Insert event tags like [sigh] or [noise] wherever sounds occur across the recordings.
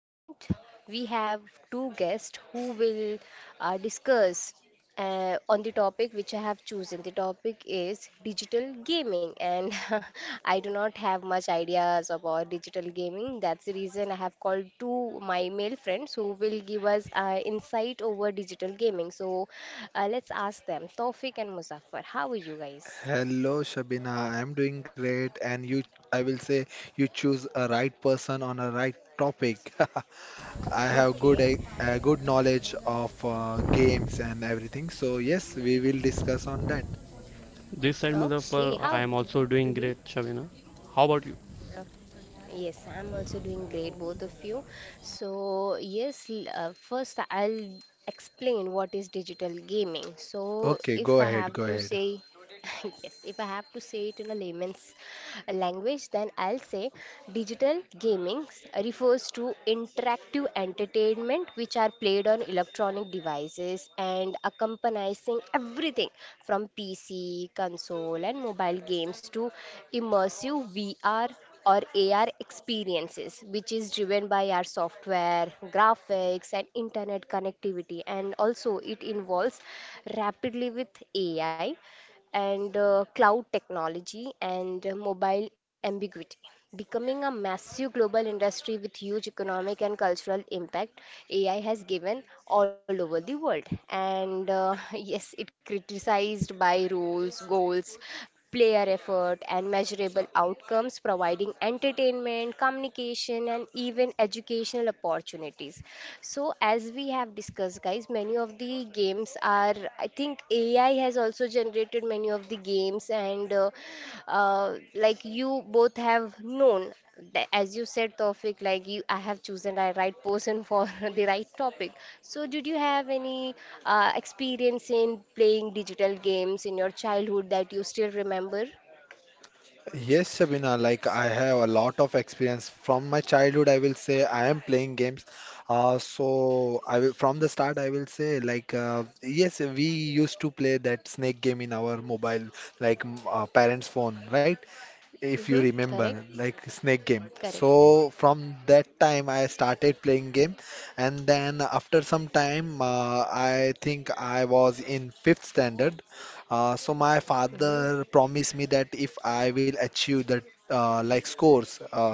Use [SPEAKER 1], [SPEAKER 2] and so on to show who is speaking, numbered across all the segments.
[SPEAKER 1] and we have two guests who will discuss on the topic which I have chosen. The topic is digital gaming, and [laughs] I do not have much ideas about digital gaming. That's the reason I have called two my male friends who will give us insight over digital gaming. So let's ask them, Tawfiq and Muzaffar, how are you guys?
[SPEAKER 2] Hello, Shabina. I'm doing great, and you, I will say you choose a right person on a right topic.
[SPEAKER 1] [laughs]
[SPEAKER 2] [laughs] I
[SPEAKER 1] Okay.
[SPEAKER 2] have good a good knowledge of games and everything. So yes, we will discuss on that.
[SPEAKER 3] This side
[SPEAKER 1] Okay,
[SPEAKER 3] Muzaffar,
[SPEAKER 1] how?
[SPEAKER 3] I am also doing
[SPEAKER 1] Mm-hmm.
[SPEAKER 3] great, Shabina. How about you?
[SPEAKER 1] Oh, yes, I'm also doing great, both of you. So, yes, first I'll explain what is digital gaming. So,
[SPEAKER 2] Okay,
[SPEAKER 1] if
[SPEAKER 2] go
[SPEAKER 1] I
[SPEAKER 2] ahead,
[SPEAKER 1] have
[SPEAKER 2] go
[SPEAKER 1] to
[SPEAKER 2] ahead.
[SPEAKER 1] say, [laughs] yes, if I have to [laughs] say it in a layman's language, then I'll say digital gaming refers to interactive entertainment which are played on electronic devices and accompanying everything from PC, console, and mobile games to immersive VR or AR experiences, which is driven by our software, graphics, and internet connectivity. And also, it involves rapidly with AI and cloud technology and mobile ambiguity, becoming a massive global industry with huge economic and cultural impact AI has given all over the world. And [laughs] yes, it criticized by rules, goals, player effort and measurable outcomes, providing entertainment, communication, and even educational opportunities. So, as we have discussed, guys, many of the games are, I think AI has also generated many of the games, and like you both have known that as you said Tawfiq, like you, I have chosen the right person for [laughs] the right topic. So did you have any experience in playing digital games in your childhood that you still remember?
[SPEAKER 2] Yes, Sabina, like I have a lot of experience from my childhood. I will say I am playing games. So I will, from the start, I will say like yes, we used to play that snake game in our mobile, like parents' phone, right? If you
[SPEAKER 1] Mm-hmm.
[SPEAKER 2] remember,
[SPEAKER 1] Correct.
[SPEAKER 2] like snake game.
[SPEAKER 1] Correct.
[SPEAKER 2] So from that time, I started playing game, and then after some time, I think I was in fifth standard. So my
[SPEAKER 1] Mm-hmm.
[SPEAKER 2] father promised me that if I will achieve that. Like scores,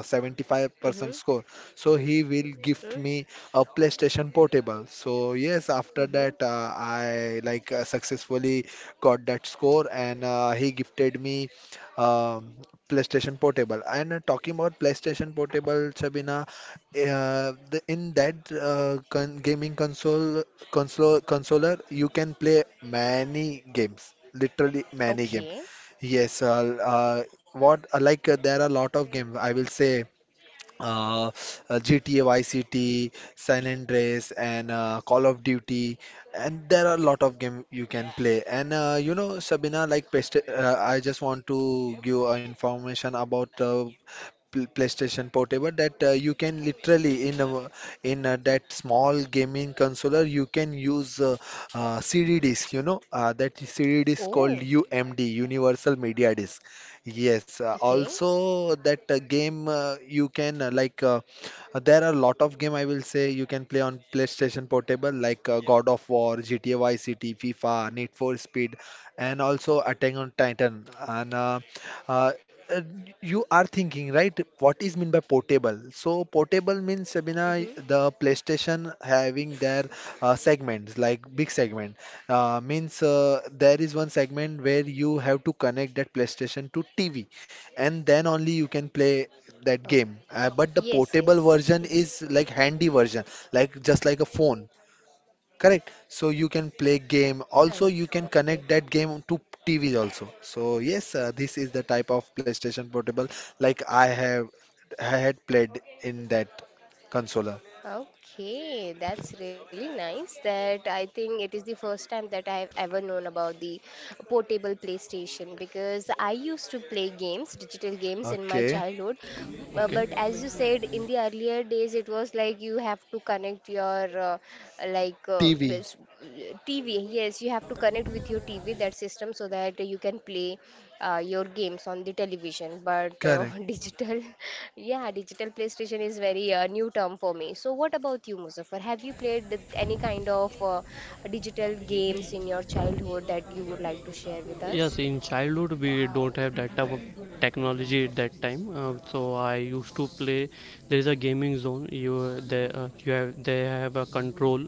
[SPEAKER 1] Mm-hmm.
[SPEAKER 2] 75% score. So he will
[SPEAKER 1] Mm-hmm.
[SPEAKER 2] gift me a PlayStation Portable. So yes, after
[SPEAKER 1] Mm-hmm.
[SPEAKER 2] that I like successfully got that score, and he gifted me. Um PlayStation Portable. And talking about PlayStation Portable, Sabina, in that con gaming consoler, you can play many games. Literally many game.
[SPEAKER 1] Okay.
[SPEAKER 2] Yes, what like there are a lot of games. I will say uh, GTA Vice City, San Andreas, and Call of Duty, and there are a lot of game you can play. And you know, Sabina, like pest I just want to give information about PlayStation Portable that you can literally that small gaming controller you can use CD disc. You know that CD disc called
[SPEAKER 1] Oh.
[SPEAKER 2] UMD Universal Media Disc. Yes.
[SPEAKER 1] Okay.
[SPEAKER 2] Also that game you can there are a lot of game I will say you can play on PlayStation Portable like God of War, GTA Vice City, FIFA, Need for Speed, and also Attack on Titan. And uh, uh, you are thinking, right? What is mean by portable? So portable means Sabina,
[SPEAKER 1] Mm-hmm.
[SPEAKER 2] the PlayStation having their segments, like big segment. Means there is one segment where you have to connect that PlayStation to TV, and then only you can play that game.
[SPEAKER 1] Oh,
[SPEAKER 2] But the
[SPEAKER 1] yes,
[SPEAKER 2] portable
[SPEAKER 1] yes.
[SPEAKER 2] version is
[SPEAKER 1] Mm-hmm.
[SPEAKER 2] like handy version, like just like a phone. Correct. So you can play game. Also, you can
[SPEAKER 1] Correct.
[SPEAKER 2] connect
[SPEAKER 1] Okay.
[SPEAKER 2] that game to TV also. So yes, this is the type of PlayStation Portable like I had played in that consoler.
[SPEAKER 1] Okay, that's really nice. That I think it is the first time that I have ever known about the portable PlayStation, because I used to play games, digital games in my
[SPEAKER 2] Okay.
[SPEAKER 1] childhood.
[SPEAKER 3] Okay.
[SPEAKER 1] But as you said, in the earlier days, it was like you have to connect your like uh,
[SPEAKER 2] TV.
[SPEAKER 1] this, uh, TV. Yes, you have to connect with your TV, that system, so that you can play your games on the television, but
[SPEAKER 2] Correct.
[SPEAKER 1] [laughs] digital, yeah, digital PlayStation is very new term for me. So what about you, Muzaffar, have you played any kind of digital games in your childhood that you would like to share with us?
[SPEAKER 3] Yes, in childhood we don't have that type of technology at that time. So I used to play. There is a gaming zone. You they you have They have a control.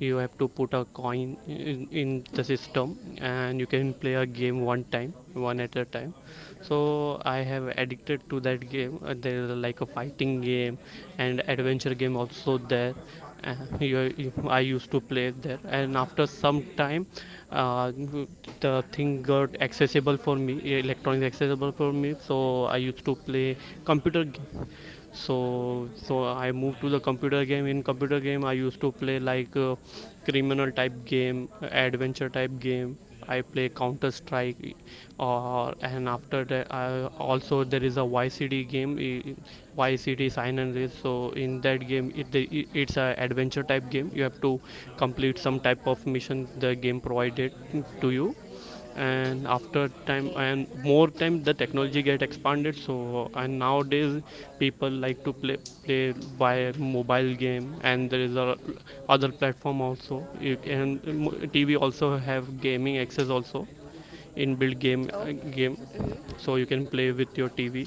[SPEAKER 3] You have to put a coin in the system, and you can play a game one time, one at a time. So I have addicted to that game. There is like a fighting game and adventure game also there. uh, I used to play there, and after some time, uh, the thing got accessible for me, electronics accessible for me. So I used to play computer game. So I moved to the computer game. In computer game, I used to play like criminal type game, adventure type game. I play Counter Strike, or and after that, I also there is a YCD game, YCD Sign and Race. So in that game, it's a adventure type game. You have to complete some type of mission the game provided to you. And after time
[SPEAKER 1] Okay.
[SPEAKER 3] and more time the technology get expanded, so and nowadays people like to play by mobile game, and there is a other platform also you can. TV also have gaming access also, inbuilt game
[SPEAKER 1] Okay.
[SPEAKER 3] game.
[SPEAKER 1] Hmm.
[SPEAKER 3] So you can play with your TV.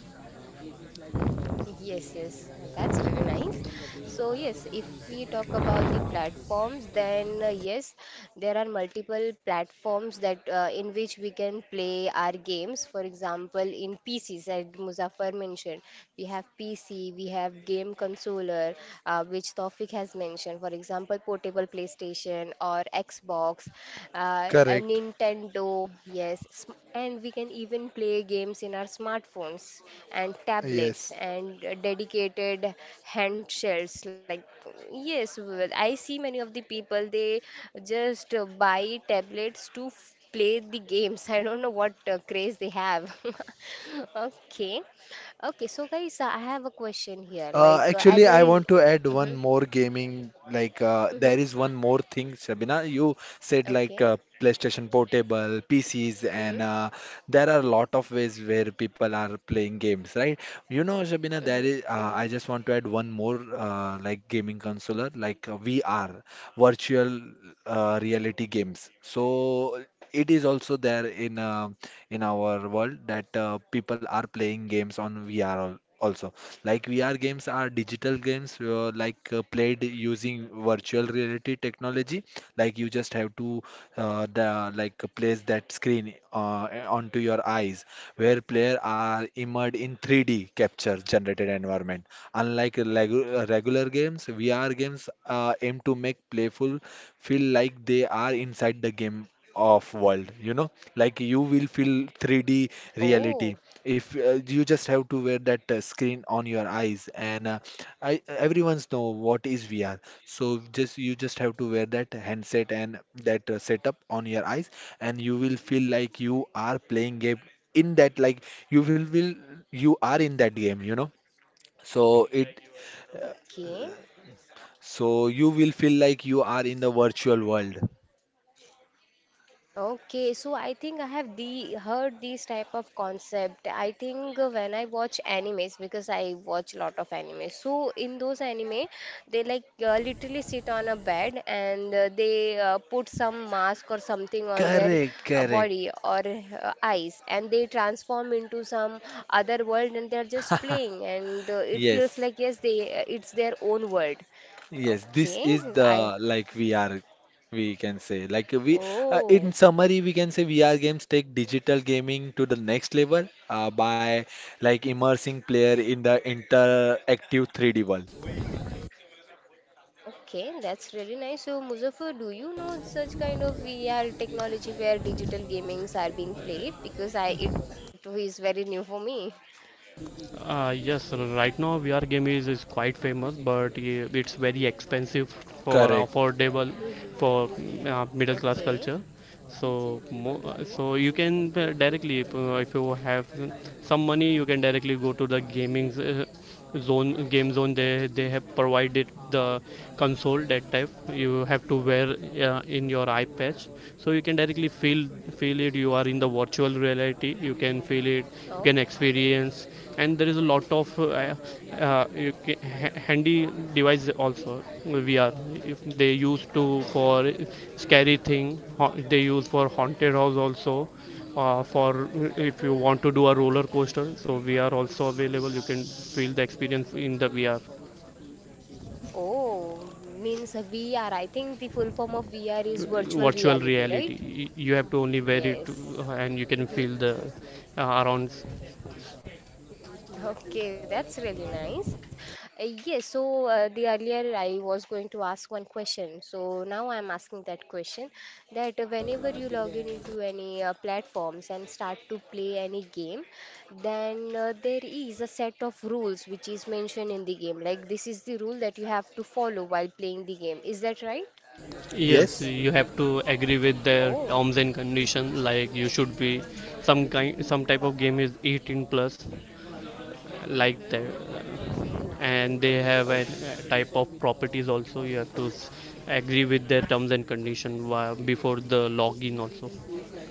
[SPEAKER 1] Yes, yes, that's really nice. So, yes, if we talk about the platforms, then yes, there are multiple platforms that in which we can play our games. For example, in PCs, as Muzaffar mentioned, we have PC, we have game controller, which Tawfiq has mentioned. For example, portable PlayStation or Xbox, and
[SPEAKER 2] Correct.
[SPEAKER 1] Nintendo, yes, and we can even play games in our smartphones and tablets
[SPEAKER 2] Yes.
[SPEAKER 1] and dedicated handshells. Like, yes, well, I see many of the people they just buy tablets to play the games. [laughs] I don't know what craze they have. [laughs] Okay, okay, so guys, I have a question here. Like, as
[SPEAKER 2] Actually,
[SPEAKER 1] I,
[SPEAKER 2] I want to add
[SPEAKER 1] mm-hmm,
[SPEAKER 2] one more gaming. Like,
[SPEAKER 1] hmm,
[SPEAKER 2] there is one more thing, Sabina. You said like
[SPEAKER 1] okay,
[SPEAKER 2] PlayStation Portable, PCs, and
[SPEAKER 1] mm-hmm,
[SPEAKER 2] there are a lot of ways where people are playing games, right? You know,
[SPEAKER 1] mm-hmm,
[SPEAKER 2] Sabina, there is.
[SPEAKER 1] hmm.
[SPEAKER 2] I just want to add one more like gaming console, like VR, virtual reality games. So it is also there in our world that people are playing games on VR also. Like VR games are digital games played using virtual reality technology. Like you just have to the like place that screen onto your eyes, where player are immersed in 3D capture generated environment. Unlike regular games, VR games aim to make playful feel like they are inside the game of world, you know, like you will feel 3D
[SPEAKER 1] Oh,
[SPEAKER 2] reality. If you just have to wear that screen on your eyes and I everyone's know what is VR. So just you just have to wear that handset and that setup on your eyes, and you will feel like you are playing game in that like you will you are in that game, you know. So it uh,
[SPEAKER 1] okay.
[SPEAKER 2] so you will feel like you are in the virtual world.
[SPEAKER 1] Okay, so I think I have the heard these type of concept. I think when I watch animes, because I watch lot of anime. So in those anime, they like literally sit on a bed and they put some mask or something on their
[SPEAKER 2] Correct, correct.
[SPEAKER 1] body or eyes and they transform into some other world and they're just playing and
[SPEAKER 2] [laughs]
[SPEAKER 1] it feels
[SPEAKER 2] Yes.
[SPEAKER 1] like yes they it's their own world.
[SPEAKER 2] Yes, this
[SPEAKER 1] Okay,
[SPEAKER 2] is the
[SPEAKER 1] I,
[SPEAKER 2] like VR, we can say. Like we in
[SPEAKER 1] oh.
[SPEAKER 2] summary we can say VR games take digital gaming to the next level by like immersing player in the interactive 3D world.
[SPEAKER 1] Okay, that's really nice. So, Muzaffar, do you know such kind of VR technology where digital gamings are being played? Because I it is very new for me.
[SPEAKER 3] Yes, right now VR game is quite famous, but yeah, it's very expensive for
[SPEAKER 2] Correct.
[SPEAKER 3] affordable
[SPEAKER 1] Mm-hmm.
[SPEAKER 3] for middle class
[SPEAKER 1] Okay.
[SPEAKER 3] culture. So,
[SPEAKER 1] Mm-hmm.
[SPEAKER 3] so you can directly if you have some money, you can directly go to the gaming zone, game zone. They have provided the console that type you have to wear in your eye patch, so you can directly feel it. You are in the virtual reality, you can feel it, you can
[SPEAKER 1] Okay.
[SPEAKER 3] experience. And there is a lot of you handy device also, VR. If they use to for scary thing, they use for haunted house also, for if you want to do a roller coaster, so VR also available, you can feel the experience in the VR.
[SPEAKER 1] Oh, means a VR. I think the full form of VR is virtual
[SPEAKER 3] Virtual
[SPEAKER 1] reality, right?
[SPEAKER 3] reality, you have to only wear it,
[SPEAKER 1] Yes.
[SPEAKER 3] and you can feel
[SPEAKER 1] Mm-hmm.
[SPEAKER 3] the around.
[SPEAKER 1] Okay, that's really nice. Yes, so the earlier I was going to ask one question. So now I'm asking that question that whenever you log in into any platforms and start to play any game, then there is a set of rules which is mentioned in the game. Like this is the rule that you have to follow while playing the game. Is that right?
[SPEAKER 3] Yes,
[SPEAKER 2] Yes.
[SPEAKER 3] you have to agree with their
[SPEAKER 1] Oh.
[SPEAKER 3] terms and condition. Like you should be some kind, some type of game is 18 plus, like
[SPEAKER 1] Mm-hmm.
[SPEAKER 3] that.
[SPEAKER 1] Okay.
[SPEAKER 3] And they have
[SPEAKER 1] O-
[SPEAKER 3] a type of properties also, you have to agree with their terms and condition, before the login also.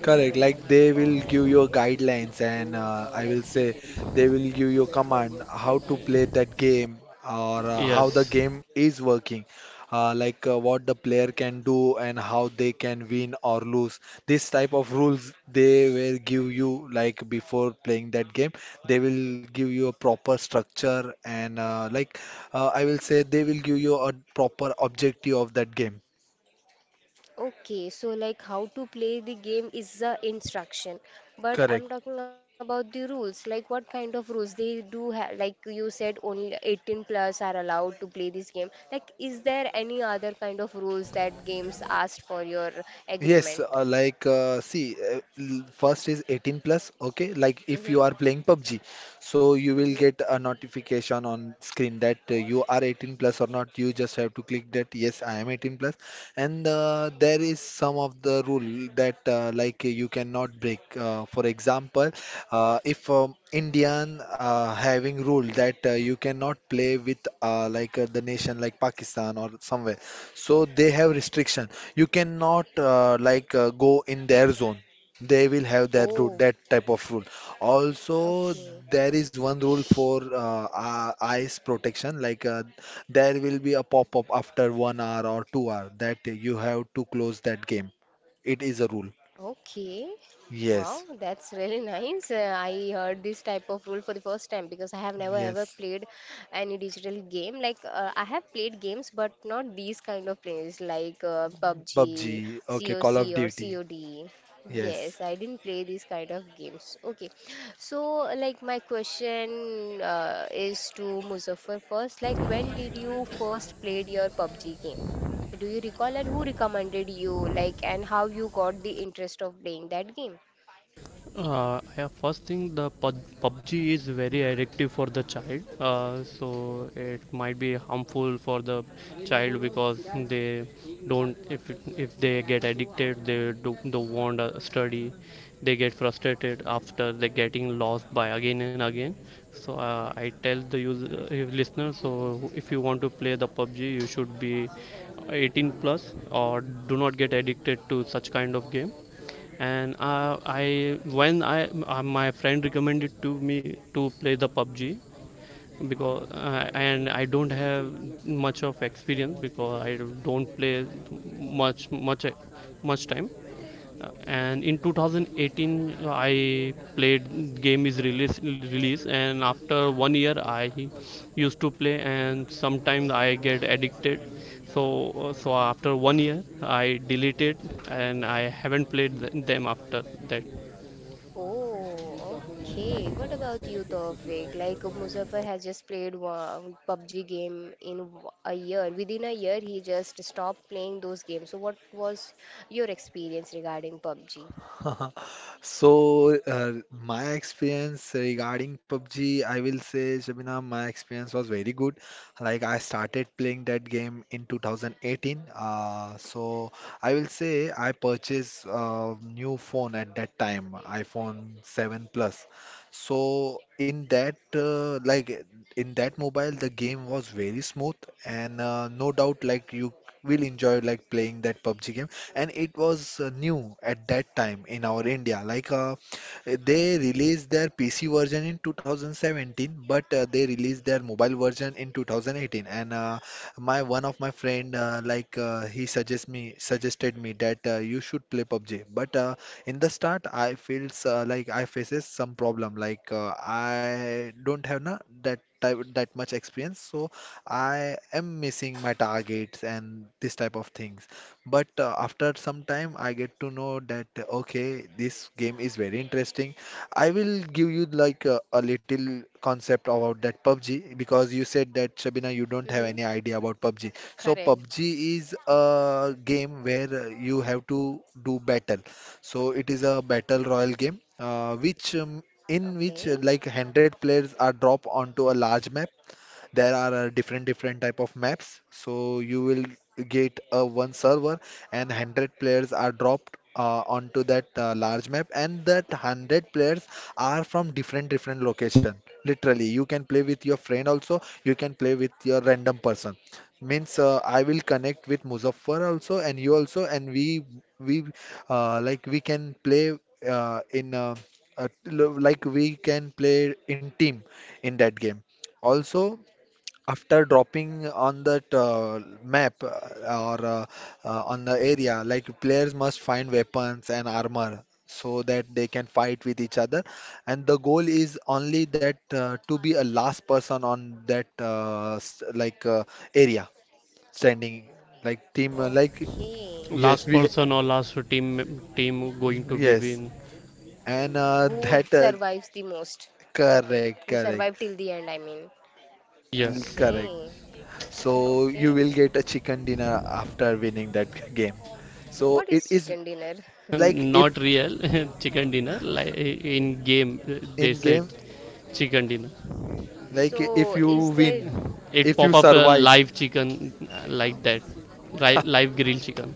[SPEAKER 2] Correct. Like they will give you
[SPEAKER 1] okay.
[SPEAKER 2] guidelines, and I will say they will give you command how to play that game or how the
[SPEAKER 1] Mm-hmm.
[SPEAKER 3] Yes,
[SPEAKER 2] game is working, what the player can do and how they can win or lose. This type of rules they will give you like before playing that game. They will give you a proper structure and I will say they will give you a proper objective of that game.
[SPEAKER 1] Okay, so like how to play the game is the instruction, but
[SPEAKER 2] Correct.
[SPEAKER 1] I'm talking about the rules. Like what kind of rules they do have? Like you said, only 18 plus are allowed to play this game. Like, is there any other kind of rules that games asked for your
[SPEAKER 2] Yes,
[SPEAKER 1] agreement?
[SPEAKER 2] see, first is 18 plus, okay? Like if you
[SPEAKER 1] Mm-hmm.
[SPEAKER 2] are playing PUBG, so you will
[SPEAKER 1] Mm-hmm.
[SPEAKER 2] get a notification on screen that you are 18 plus or not. You just have to click that yes, I am 18 plus, and there is some of the rule that like you cannot break. For example, if Indian having rule that you cannot play with the nation like Pakistan or somewhere. So they have restriction. You cannot go in their zone. They will have that rule,
[SPEAKER 1] Oh,
[SPEAKER 2] that type of rule. Also,
[SPEAKER 1] okay.
[SPEAKER 2] there is one rule for eyes protection. Like there will be a pop-up after 1 hour or 2 hour that you have to close that game. It is a rule.
[SPEAKER 1] Okay. Wow,
[SPEAKER 2] Yes,
[SPEAKER 1] that's really [laughs] nice. I heard this type of rule for the first time because I have never ever
[SPEAKER 2] yes.
[SPEAKER 1] played any digital game. Like I have played games, but not these kind of plays like
[SPEAKER 2] PUBG.
[SPEAKER 1] PUBG,
[SPEAKER 2] Okay, Call
[SPEAKER 1] COC
[SPEAKER 2] of
[SPEAKER 1] or
[SPEAKER 2] Duty.
[SPEAKER 1] COD.
[SPEAKER 2] Yes.
[SPEAKER 1] Yes, I didn't play these kind of games. Okay, so like my question is to Muzaffar first. Like when did you first played your PUBG game? Do you recall and who recommended you, like, and how you got the interest of playing that game?
[SPEAKER 3] yeah, first thing the PUBG is very addictive for the child, so it might be harmful for the child because they don't, if if they get addicted they do, don't want to study, they get frustrated after they getting lost by again and again. So I tell the user, listener, so if you want to play the PUBG, you should be 18 plus or do not get addicted to such kind of game. And I when I My friend recommended to me to play the PUBG because and I don't have much of experience because I don't play much much much time. And in 2018, I played game is release, and after 1 year, I used to play, and sometimes I get addicted. So so after 1 year, I deleted, and I haven't played them after that.
[SPEAKER 1] Oh, okay. What about you, Tawfiq? Like, Muzaffar has just played one PUBG game in a year. Within a year, he just stopped playing those games. So, what was your experience regarding PUBG?
[SPEAKER 2] [laughs] So, my experience regarding PUBG, I will say, Shabina, my experience was very good. Like, I started playing that game in 2018. So, I will say I purchased a new phone at that time, iPhone 7 Plus. So, in that, like, in that mobile, the game was very smooth, and no doubt, like, you we'll enjoy like playing that PUBG game. And it was new at that time in our India. Like they released their PC version in 2017, but they released their mobile version in 2018. And my one of my friend like he suggest me suggested me that you should play PUBG. But in the start, I feels like I faces some problem. Like I don't have na that type that much experience, so I am missing my targets and this type of things. But after some time, I get to know that okay, this game is very interesting. I will give you like a little concept about that PUBG because you said that Shabina, you don't have
[SPEAKER 1] Mm-hmm.
[SPEAKER 2] any idea about PUBG. So
[SPEAKER 1] Correct.
[SPEAKER 2] PUBG is a game where you have to do battle. So it is a battle royal game, which in which
[SPEAKER 1] Okay.
[SPEAKER 2] like 100 players are dropped onto a large map. There are different different type of maps, so you will get a one server and 100 players are dropped onto that large map, and that 100 players are from different different location. Literally you can play with your friend also, you can play with your random person. Means I will connect with Muzaffar also and you also, and we we can play uh, in uh, like we can play in team in that game also. After dropping on that map or on the area, like players must find weapons and armor so that they can fight with each other. And the goal is only that to be a last person on that area standing, like team,
[SPEAKER 1] Okay.
[SPEAKER 2] yes,
[SPEAKER 3] Last person or last team going to be
[SPEAKER 2] yes,
[SPEAKER 3] win.
[SPEAKER 2] and [laughs]
[SPEAKER 1] Who
[SPEAKER 2] that
[SPEAKER 1] survives the most? Okay.
[SPEAKER 2] correct,
[SPEAKER 1] Who
[SPEAKER 2] correct,
[SPEAKER 1] survived till the end, I mean.
[SPEAKER 3] Yes.
[SPEAKER 2] correct.
[SPEAKER 1] Okay. [laughs]
[SPEAKER 2] So you
[SPEAKER 1] Okay.
[SPEAKER 2] will get a chicken dinner after winning that [laughs] game. So
[SPEAKER 1] What
[SPEAKER 2] it
[SPEAKER 1] is
[SPEAKER 2] is
[SPEAKER 1] chicken dinner?
[SPEAKER 2] like if
[SPEAKER 3] Not real [laughs] chicken dinner. Like
[SPEAKER 1] [laughs]
[SPEAKER 3] in game, they
[SPEAKER 2] in
[SPEAKER 3] said
[SPEAKER 2] game,
[SPEAKER 3] chicken dinner.
[SPEAKER 2] like if
[SPEAKER 1] So,
[SPEAKER 2] you
[SPEAKER 1] is there.
[SPEAKER 2] win,
[SPEAKER 3] It
[SPEAKER 2] if
[SPEAKER 3] pop
[SPEAKER 2] you
[SPEAKER 3] up
[SPEAKER 1] Mhm.
[SPEAKER 3] a
[SPEAKER 2] survive,
[SPEAKER 3] live chicken like that, live grilled chicken.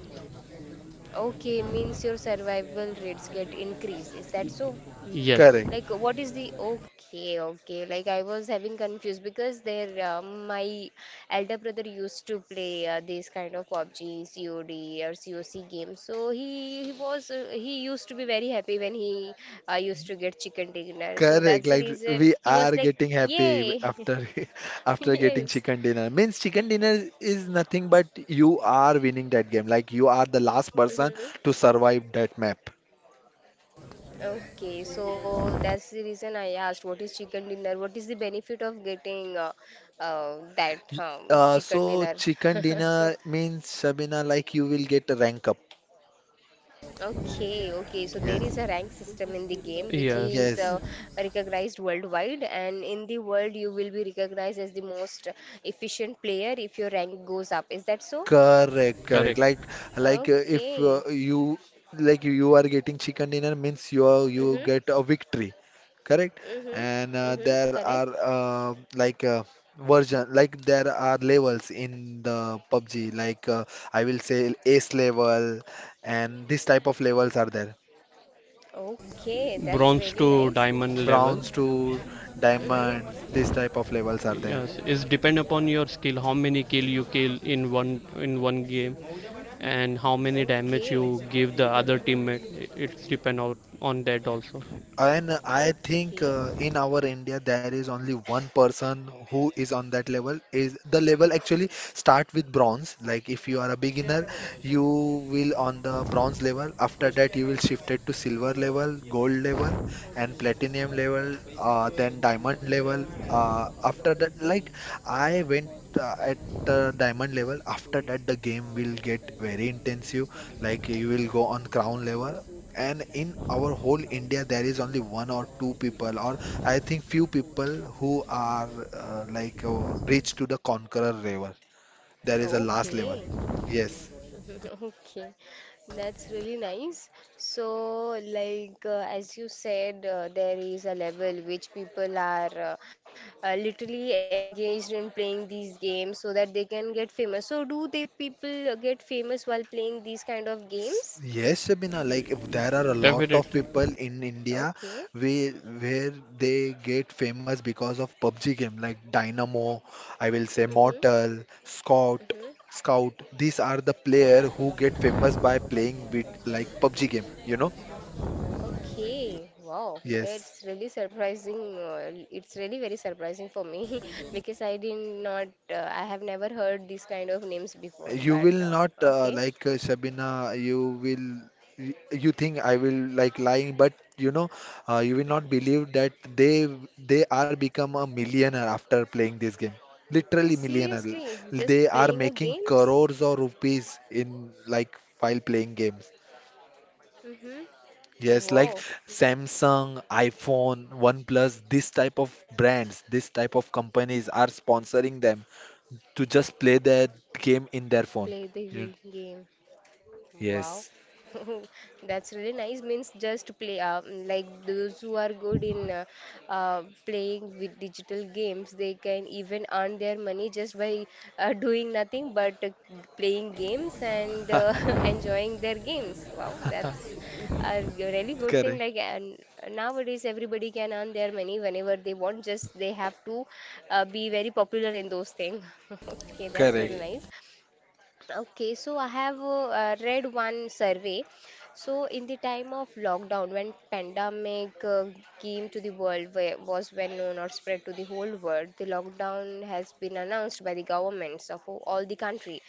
[SPEAKER 1] Okay, means your survival rates get increased. Is that so?
[SPEAKER 3] Yes,
[SPEAKER 2] correct,
[SPEAKER 1] Like, what is the. Okay, okay. Like, I was having confused because there, my elder brother used to play this kind of PUBG, COD, or COC games. So, he was. He used to be very happy when he used to get chicken dinner. So,
[SPEAKER 2] correct.
[SPEAKER 1] that's the
[SPEAKER 2] Like
[SPEAKER 1] reason
[SPEAKER 2] we
[SPEAKER 1] he
[SPEAKER 2] are
[SPEAKER 1] was like,
[SPEAKER 2] getting happy
[SPEAKER 1] Yay! [laughs]
[SPEAKER 2] after [laughs] after
[SPEAKER 1] Yes.
[SPEAKER 2] getting chicken dinner. Means chicken dinner is nothing but you are winning that game. Like you are the last person to survive that map.
[SPEAKER 1] Okay, so that's the reason I asked what is chicken dinner? What is the benefit of getting that
[SPEAKER 2] Y-
[SPEAKER 1] chicken
[SPEAKER 2] So
[SPEAKER 1] dinner?
[SPEAKER 2] chicken
[SPEAKER 1] [laughs] So,
[SPEAKER 2] dinner means Shabina, like you will get a rank up.
[SPEAKER 1] okay, okay. So there
[SPEAKER 2] Yes,
[SPEAKER 1] is a rank system in the game which
[SPEAKER 3] yes,
[SPEAKER 1] is
[SPEAKER 2] yes.
[SPEAKER 1] recognized worldwide, and in the world you will be recognized as the most efficient player if your rank goes up. Is that so?
[SPEAKER 2] Correct, correct.
[SPEAKER 3] correct.
[SPEAKER 2] Like if
[SPEAKER 1] Okay.
[SPEAKER 2] you like you are getting chicken dinner means you
[SPEAKER 1] Mm-hmm.
[SPEAKER 2] get a victory, correct?
[SPEAKER 1] Mm-hmm.
[SPEAKER 2] And
[SPEAKER 1] Mm-hmm.
[SPEAKER 2] there
[SPEAKER 1] Correct.
[SPEAKER 2] are like version like there are levels in the PUBG. Like I will say ace level, and this type of levels are there.
[SPEAKER 1] Okay, that's
[SPEAKER 3] Bronze
[SPEAKER 1] really
[SPEAKER 3] to
[SPEAKER 1] nice.
[SPEAKER 3] diamond level.
[SPEAKER 2] Bronze to diamonds,
[SPEAKER 1] Mm-hmm.
[SPEAKER 2] this type of levels are there.
[SPEAKER 3] Yes, it's depend upon your skill. How many kill you kill in one game, and how many damage you
[SPEAKER 1] Okay.
[SPEAKER 3] give the other teammate. It's depend out on that also.
[SPEAKER 2] And I think
[SPEAKER 1] Okay,
[SPEAKER 2] in our India there is only one person who is on that level. Is the level actually start with bronze? Like if you are a beginner, you will on the bronze level. After that, you will shifted to silver level, gold level, and platinum level. Then diamond level. After that, like I went at the diamond level. After that, the game will get very intensive. Like you will go on crown level, and in our whole India there is only one or two people, or I think few people who are reach to the conqueror level. There is a last level.
[SPEAKER 1] okay,
[SPEAKER 2] Yes.
[SPEAKER 1] [laughs] okay. That's really nice. So, like, as you said, there is a level which people are literally engaged in playing these games so that they can get famous. So, do they people get famous while playing these kind of games?
[SPEAKER 2] Yes, Shabina, like if there are a lot of
[SPEAKER 3] Definitely,
[SPEAKER 2] people in India
[SPEAKER 1] Okay.
[SPEAKER 2] where they get famous because of PUBG game like Dynamo, I will say
[SPEAKER 1] Mm-hmm.
[SPEAKER 2] Mortal,
[SPEAKER 1] Mm-hmm.
[SPEAKER 2] Scout. These are the player who get famous by playing with like PUBG game, you know?
[SPEAKER 1] Okay, wow,
[SPEAKER 2] Yes.
[SPEAKER 1] it's really surprising. It's really very surprising for me [laughs] because I did not, I have never heard these kind of names before.
[SPEAKER 2] You
[SPEAKER 1] But
[SPEAKER 2] will not
[SPEAKER 1] okay,
[SPEAKER 2] Sabina, you you think I will like lying, but you know you will not believe that they are become a millionaire after playing this game. Literally millionaire.
[SPEAKER 1] seriously, just
[SPEAKER 2] They are
[SPEAKER 1] playing a
[SPEAKER 2] making
[SPEAKER 1] games?
[SPEAKER 2] crores of rupees in like while playing games.
[SPEAKER 1] Mm-hmm. Oh,
[SPEAKER 2] Yes, like
[SPEAKER 1] wow,
[SPEAKER 2] Samsung, iPhone, OnePlus, this type of brands, this type of companies are sponsoring them to just play their game in their
[SPEAKER 1] play
[SPEAKER 2] phone.
[SPEAKER 1] the Wii game.
[SPEAKER 2] Yes.
[SPEAKER 1] Oh, that's really nice. Means just play, like those who are good in playing with digital games, they can even earn their money just by doing nothing but playing games and [laughs] enjoying their games. Wow,
[SPEAKER 2] [laughs]
[SPEAKER 1] that's a really good thing.
[SPEAKER 2] Correct,
[SPEAKER 1] Like, and nowadays everybody can earn their money whenever they want. Just they have to be very popular in those things. [laughs] Okay, that's
[SPEAKER 2] correct,
[SPEAKER 1] really nice. Okay, so I have read one survey. So in the time of lockdown, when pandemic came to the world, where was well known or spread to the whole world, the lockdown has been announced by the governments of all the country.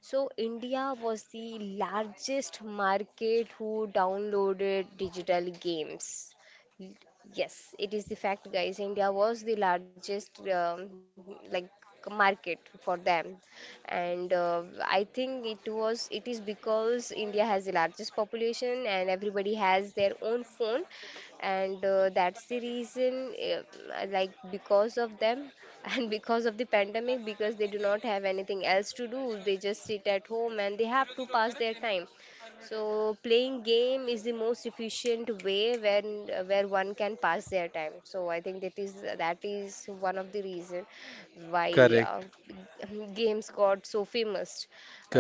[SPEAKER 1] So India was the largest market who downloaded digital games. Yes, it is the fact, guys. India was the largest like market for them and I think it was it is because India has the largest population and everybody has their own phone, and that's the reason like because of them [laughs] and because of the pandemic, because they do not have anything else to do, they just sit at home and they have to pass their time. So playing game is the most efficient way when where one can pass their time. So I think that is one of the reason why
[SPEAKER 2] correct,
[SPEAKER 1] [laughs] games got so famous.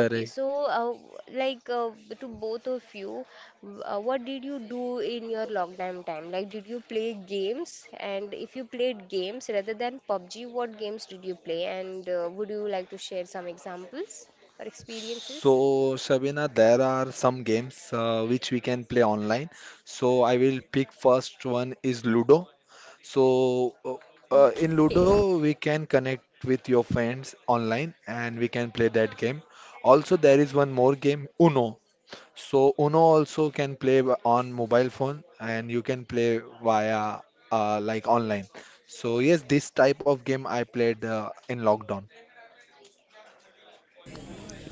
[SPEAKER 1] Okay, so like to both of you, what did you do in your lockdown time? Like, did you play games? And if you played games rather than PUBG, what games did you play? And would you like to share some examples or
[SPEAKER 2] So,
[SPEAKER 1] experiences? [laughs]
[SPEAKER 2] Shabina, there are some games which we can play online. So, I will pick first one is Ludo. So, in
[SPEAKER 1] Okay,
[SPEAKER 2] Ludo, we can connect with your friends online and we can play that game. Also, there is one more game, Uno. So, Uno also can play
[SPEAKER 1] okay,
[SPEAKER 2] on mobile phone, and you can play via like online. So, yes, this type of game I played in lockdown.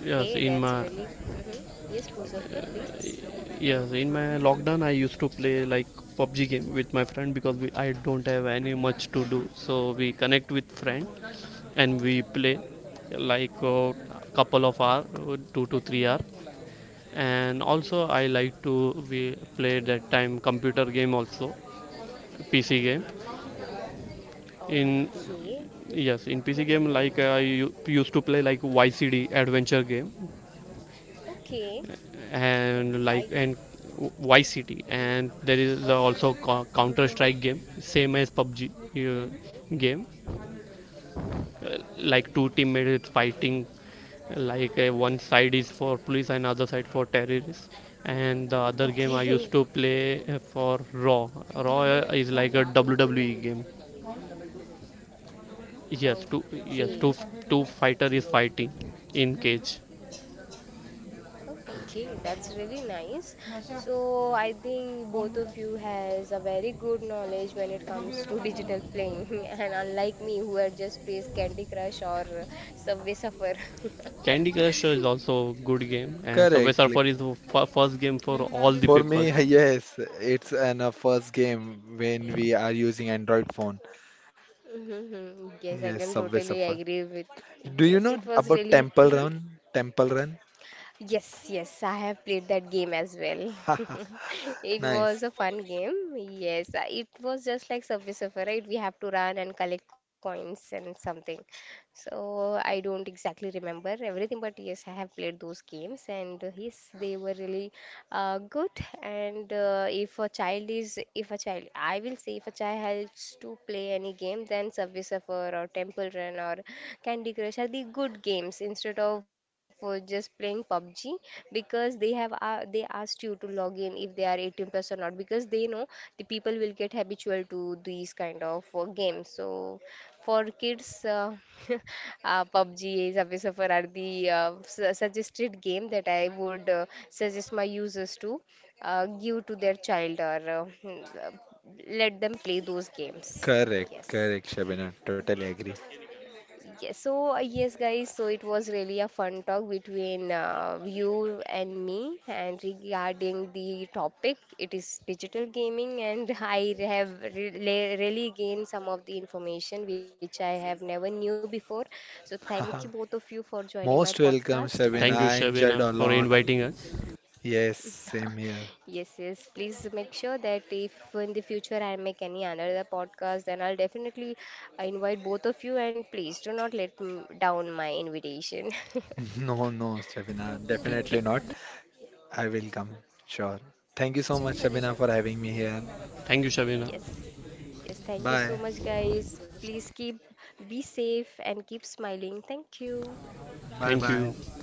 [SPEAKER 3] yes.
[SPEAKER 1] okay,
[SPEAKER 3] In
[SPEAKER 1] that's
[SPEAKER 3] my.
[SPEAKER 1] really. Hmm. Yes, Muzaffar, please.
[SPEAKER 3] Yes, in my lockdown, I used to play like PUBG game with my friend because we, I don't have any much to do. So we connect with friend and we play like a couple of hour, 2 to 3 hour. And also, I like to we play that time computer game also, PC game. In
[SPEAKER 1] Okay.
[SPEAKER 3] yes, in PC game
[SPEAKER 1] Mm-hmm.
[SPEAKER 3] like I used to play like YCD adventure game.
[SPEAKER 1] Okay. Uh,
[SPEAKER 3] And like
[SPEAKER 1] why?
[SPEAKER 3] and YCT,
[SPEAKER 1] Mhm.
[SPEAKER 3] and there is
[SPEAKER 1] Okay.
[SPEAKER 3] also Counter Strike game, same as PUBG
[SPEAKER 1] Mhm.
[SPEAKER 3] game.
[SPEAKER 1] Mhm.
[SPEAKER 3] Like two teammates fighting, like one side is for police and other side for terrorists. And the other game
[SPEAKER 1] Okay.
[SPEAKER 3] I
[SPEAKER 1] [laughs]
[SPEAKER 3] used to play for Raw. Raw is like a WWE game. Yes, two yes
[SPEAKER 1] Okay.
[SPEAKER 3] two two fighter is fighting in cage.
[SPEAKER 1] Okay, that's really nice. So I think both of you has a very good knowledge when it comes to digital playing, [laughs] and unlike me who had just plays Candy Crush or Subway Surfer. [laughs]
[SPEAKER 3] Candy Crush is also a good game, and Subway
[SPEAKER 2] Correct. Like
[SPEAKER 3] Surfer is the first game for all the
[SPEAKER 2] for
[SPEAKER 3] people.
[SPEAKER 2] me, [laughs] yes, it's an first game when we are using Android phone.
[SPEAKER 1] Mhm. Yes, I
[SPEAKER 2] Yes,
[SPEAKER 1] can
[SPEAKER 2] Subway
[SPEAKER 1] totally
[SPEAKER 2] Surfer.
[SPEAKER 1] agree with.
[SPEAKER 2] Do you
[SPEAKER 1] Yes,
[SPEAKER 2] know
[SPEAKER 1] it was
[SPEAKER 2] about
[SPEAKER 1] really.
[SPEAKER 2] Temple
[SPEAKER 1] Mhm.
[SPEAKER 2] Run? Temple Run?
[SPEAKER 1] Yes, yes, I have played that game as well. [laughs]
[SPEAKER 2] Haha,
[SPEAKER 1] It
[SPEAKER 2] nice.
[SPEAKER 1] was a fun game. Yes, it was just like Subway Surfer, right? We have to run and collect coins and something. So I don't exactly remember everything, but yes, I have played those games, and yes, they were really good. And if a child is, if a child, I will say, if a child helps to play any game, then Subway Surfer or Temple Run or Candy Crush are the good games instead of just playing PUBG, because they have they asked you to log in if they are 18 plus or not, because they know the people will get habitual to these kind of games. So for kids, [laughs] PUBG, Subway Surfer are the suggested game that I would suggest my users to give to their child or let them play those games.
[SPEAKER 2] Correct,
[SPEAKER 1] Yes.
[SPEAKER 2] correct, Shabina. Totally agree.
[SPEAKER 1] Yes, so yes, guys, so it was really a fun talk between you and me, and regarding the topic, it is digital gaming, and [laughs] I have really gained some of the information which I have never knew before. So thank you both
[SPEAKER 2] Haha.
[SPEAKER 1] of you for joining my
[SPEAKER 2] Most
[SPEAKER 1] podcast,
[SPEAKER 2] welcome,
[SPEAKER 1] and
[SPEAKER 2] Shabina.
[SPEAKER 3] Thank you,
[SPEAKER 2] I enjoyed
[SPEAKER 3] Shabina,
[SPEAKER 2] a
[SPEAKER 3] for
[SPEAKER 2] lot.
[SPEAKER 3] inviting us.
[SPEAKER 2] Yes, same here.
[SPEAKER 1] yes, yes, please make sure that if in the future I make any another podcast, then I'll definitely invite both of you, and please do not let m down my invitation. [laughs]
[SPEAKER 2] [laughs] No, no, Shabina. Definitely not. I will come. Sure. Thank you so much, Shabina, for having me here.
[SPEAKER 3] Thank you, Shabina.
[SPEAKER 1] Yes. Yes. Thank you so
[SPEAKER 2] Bye.
[SPEAKER 1] much, guys. Please keep be safe and keep smiling. Thank you.
[SPEAKER 2] Bye
[SPEAKER 3] Thank
[SPEAKER 2] bye.
[SPEAKER 3] you.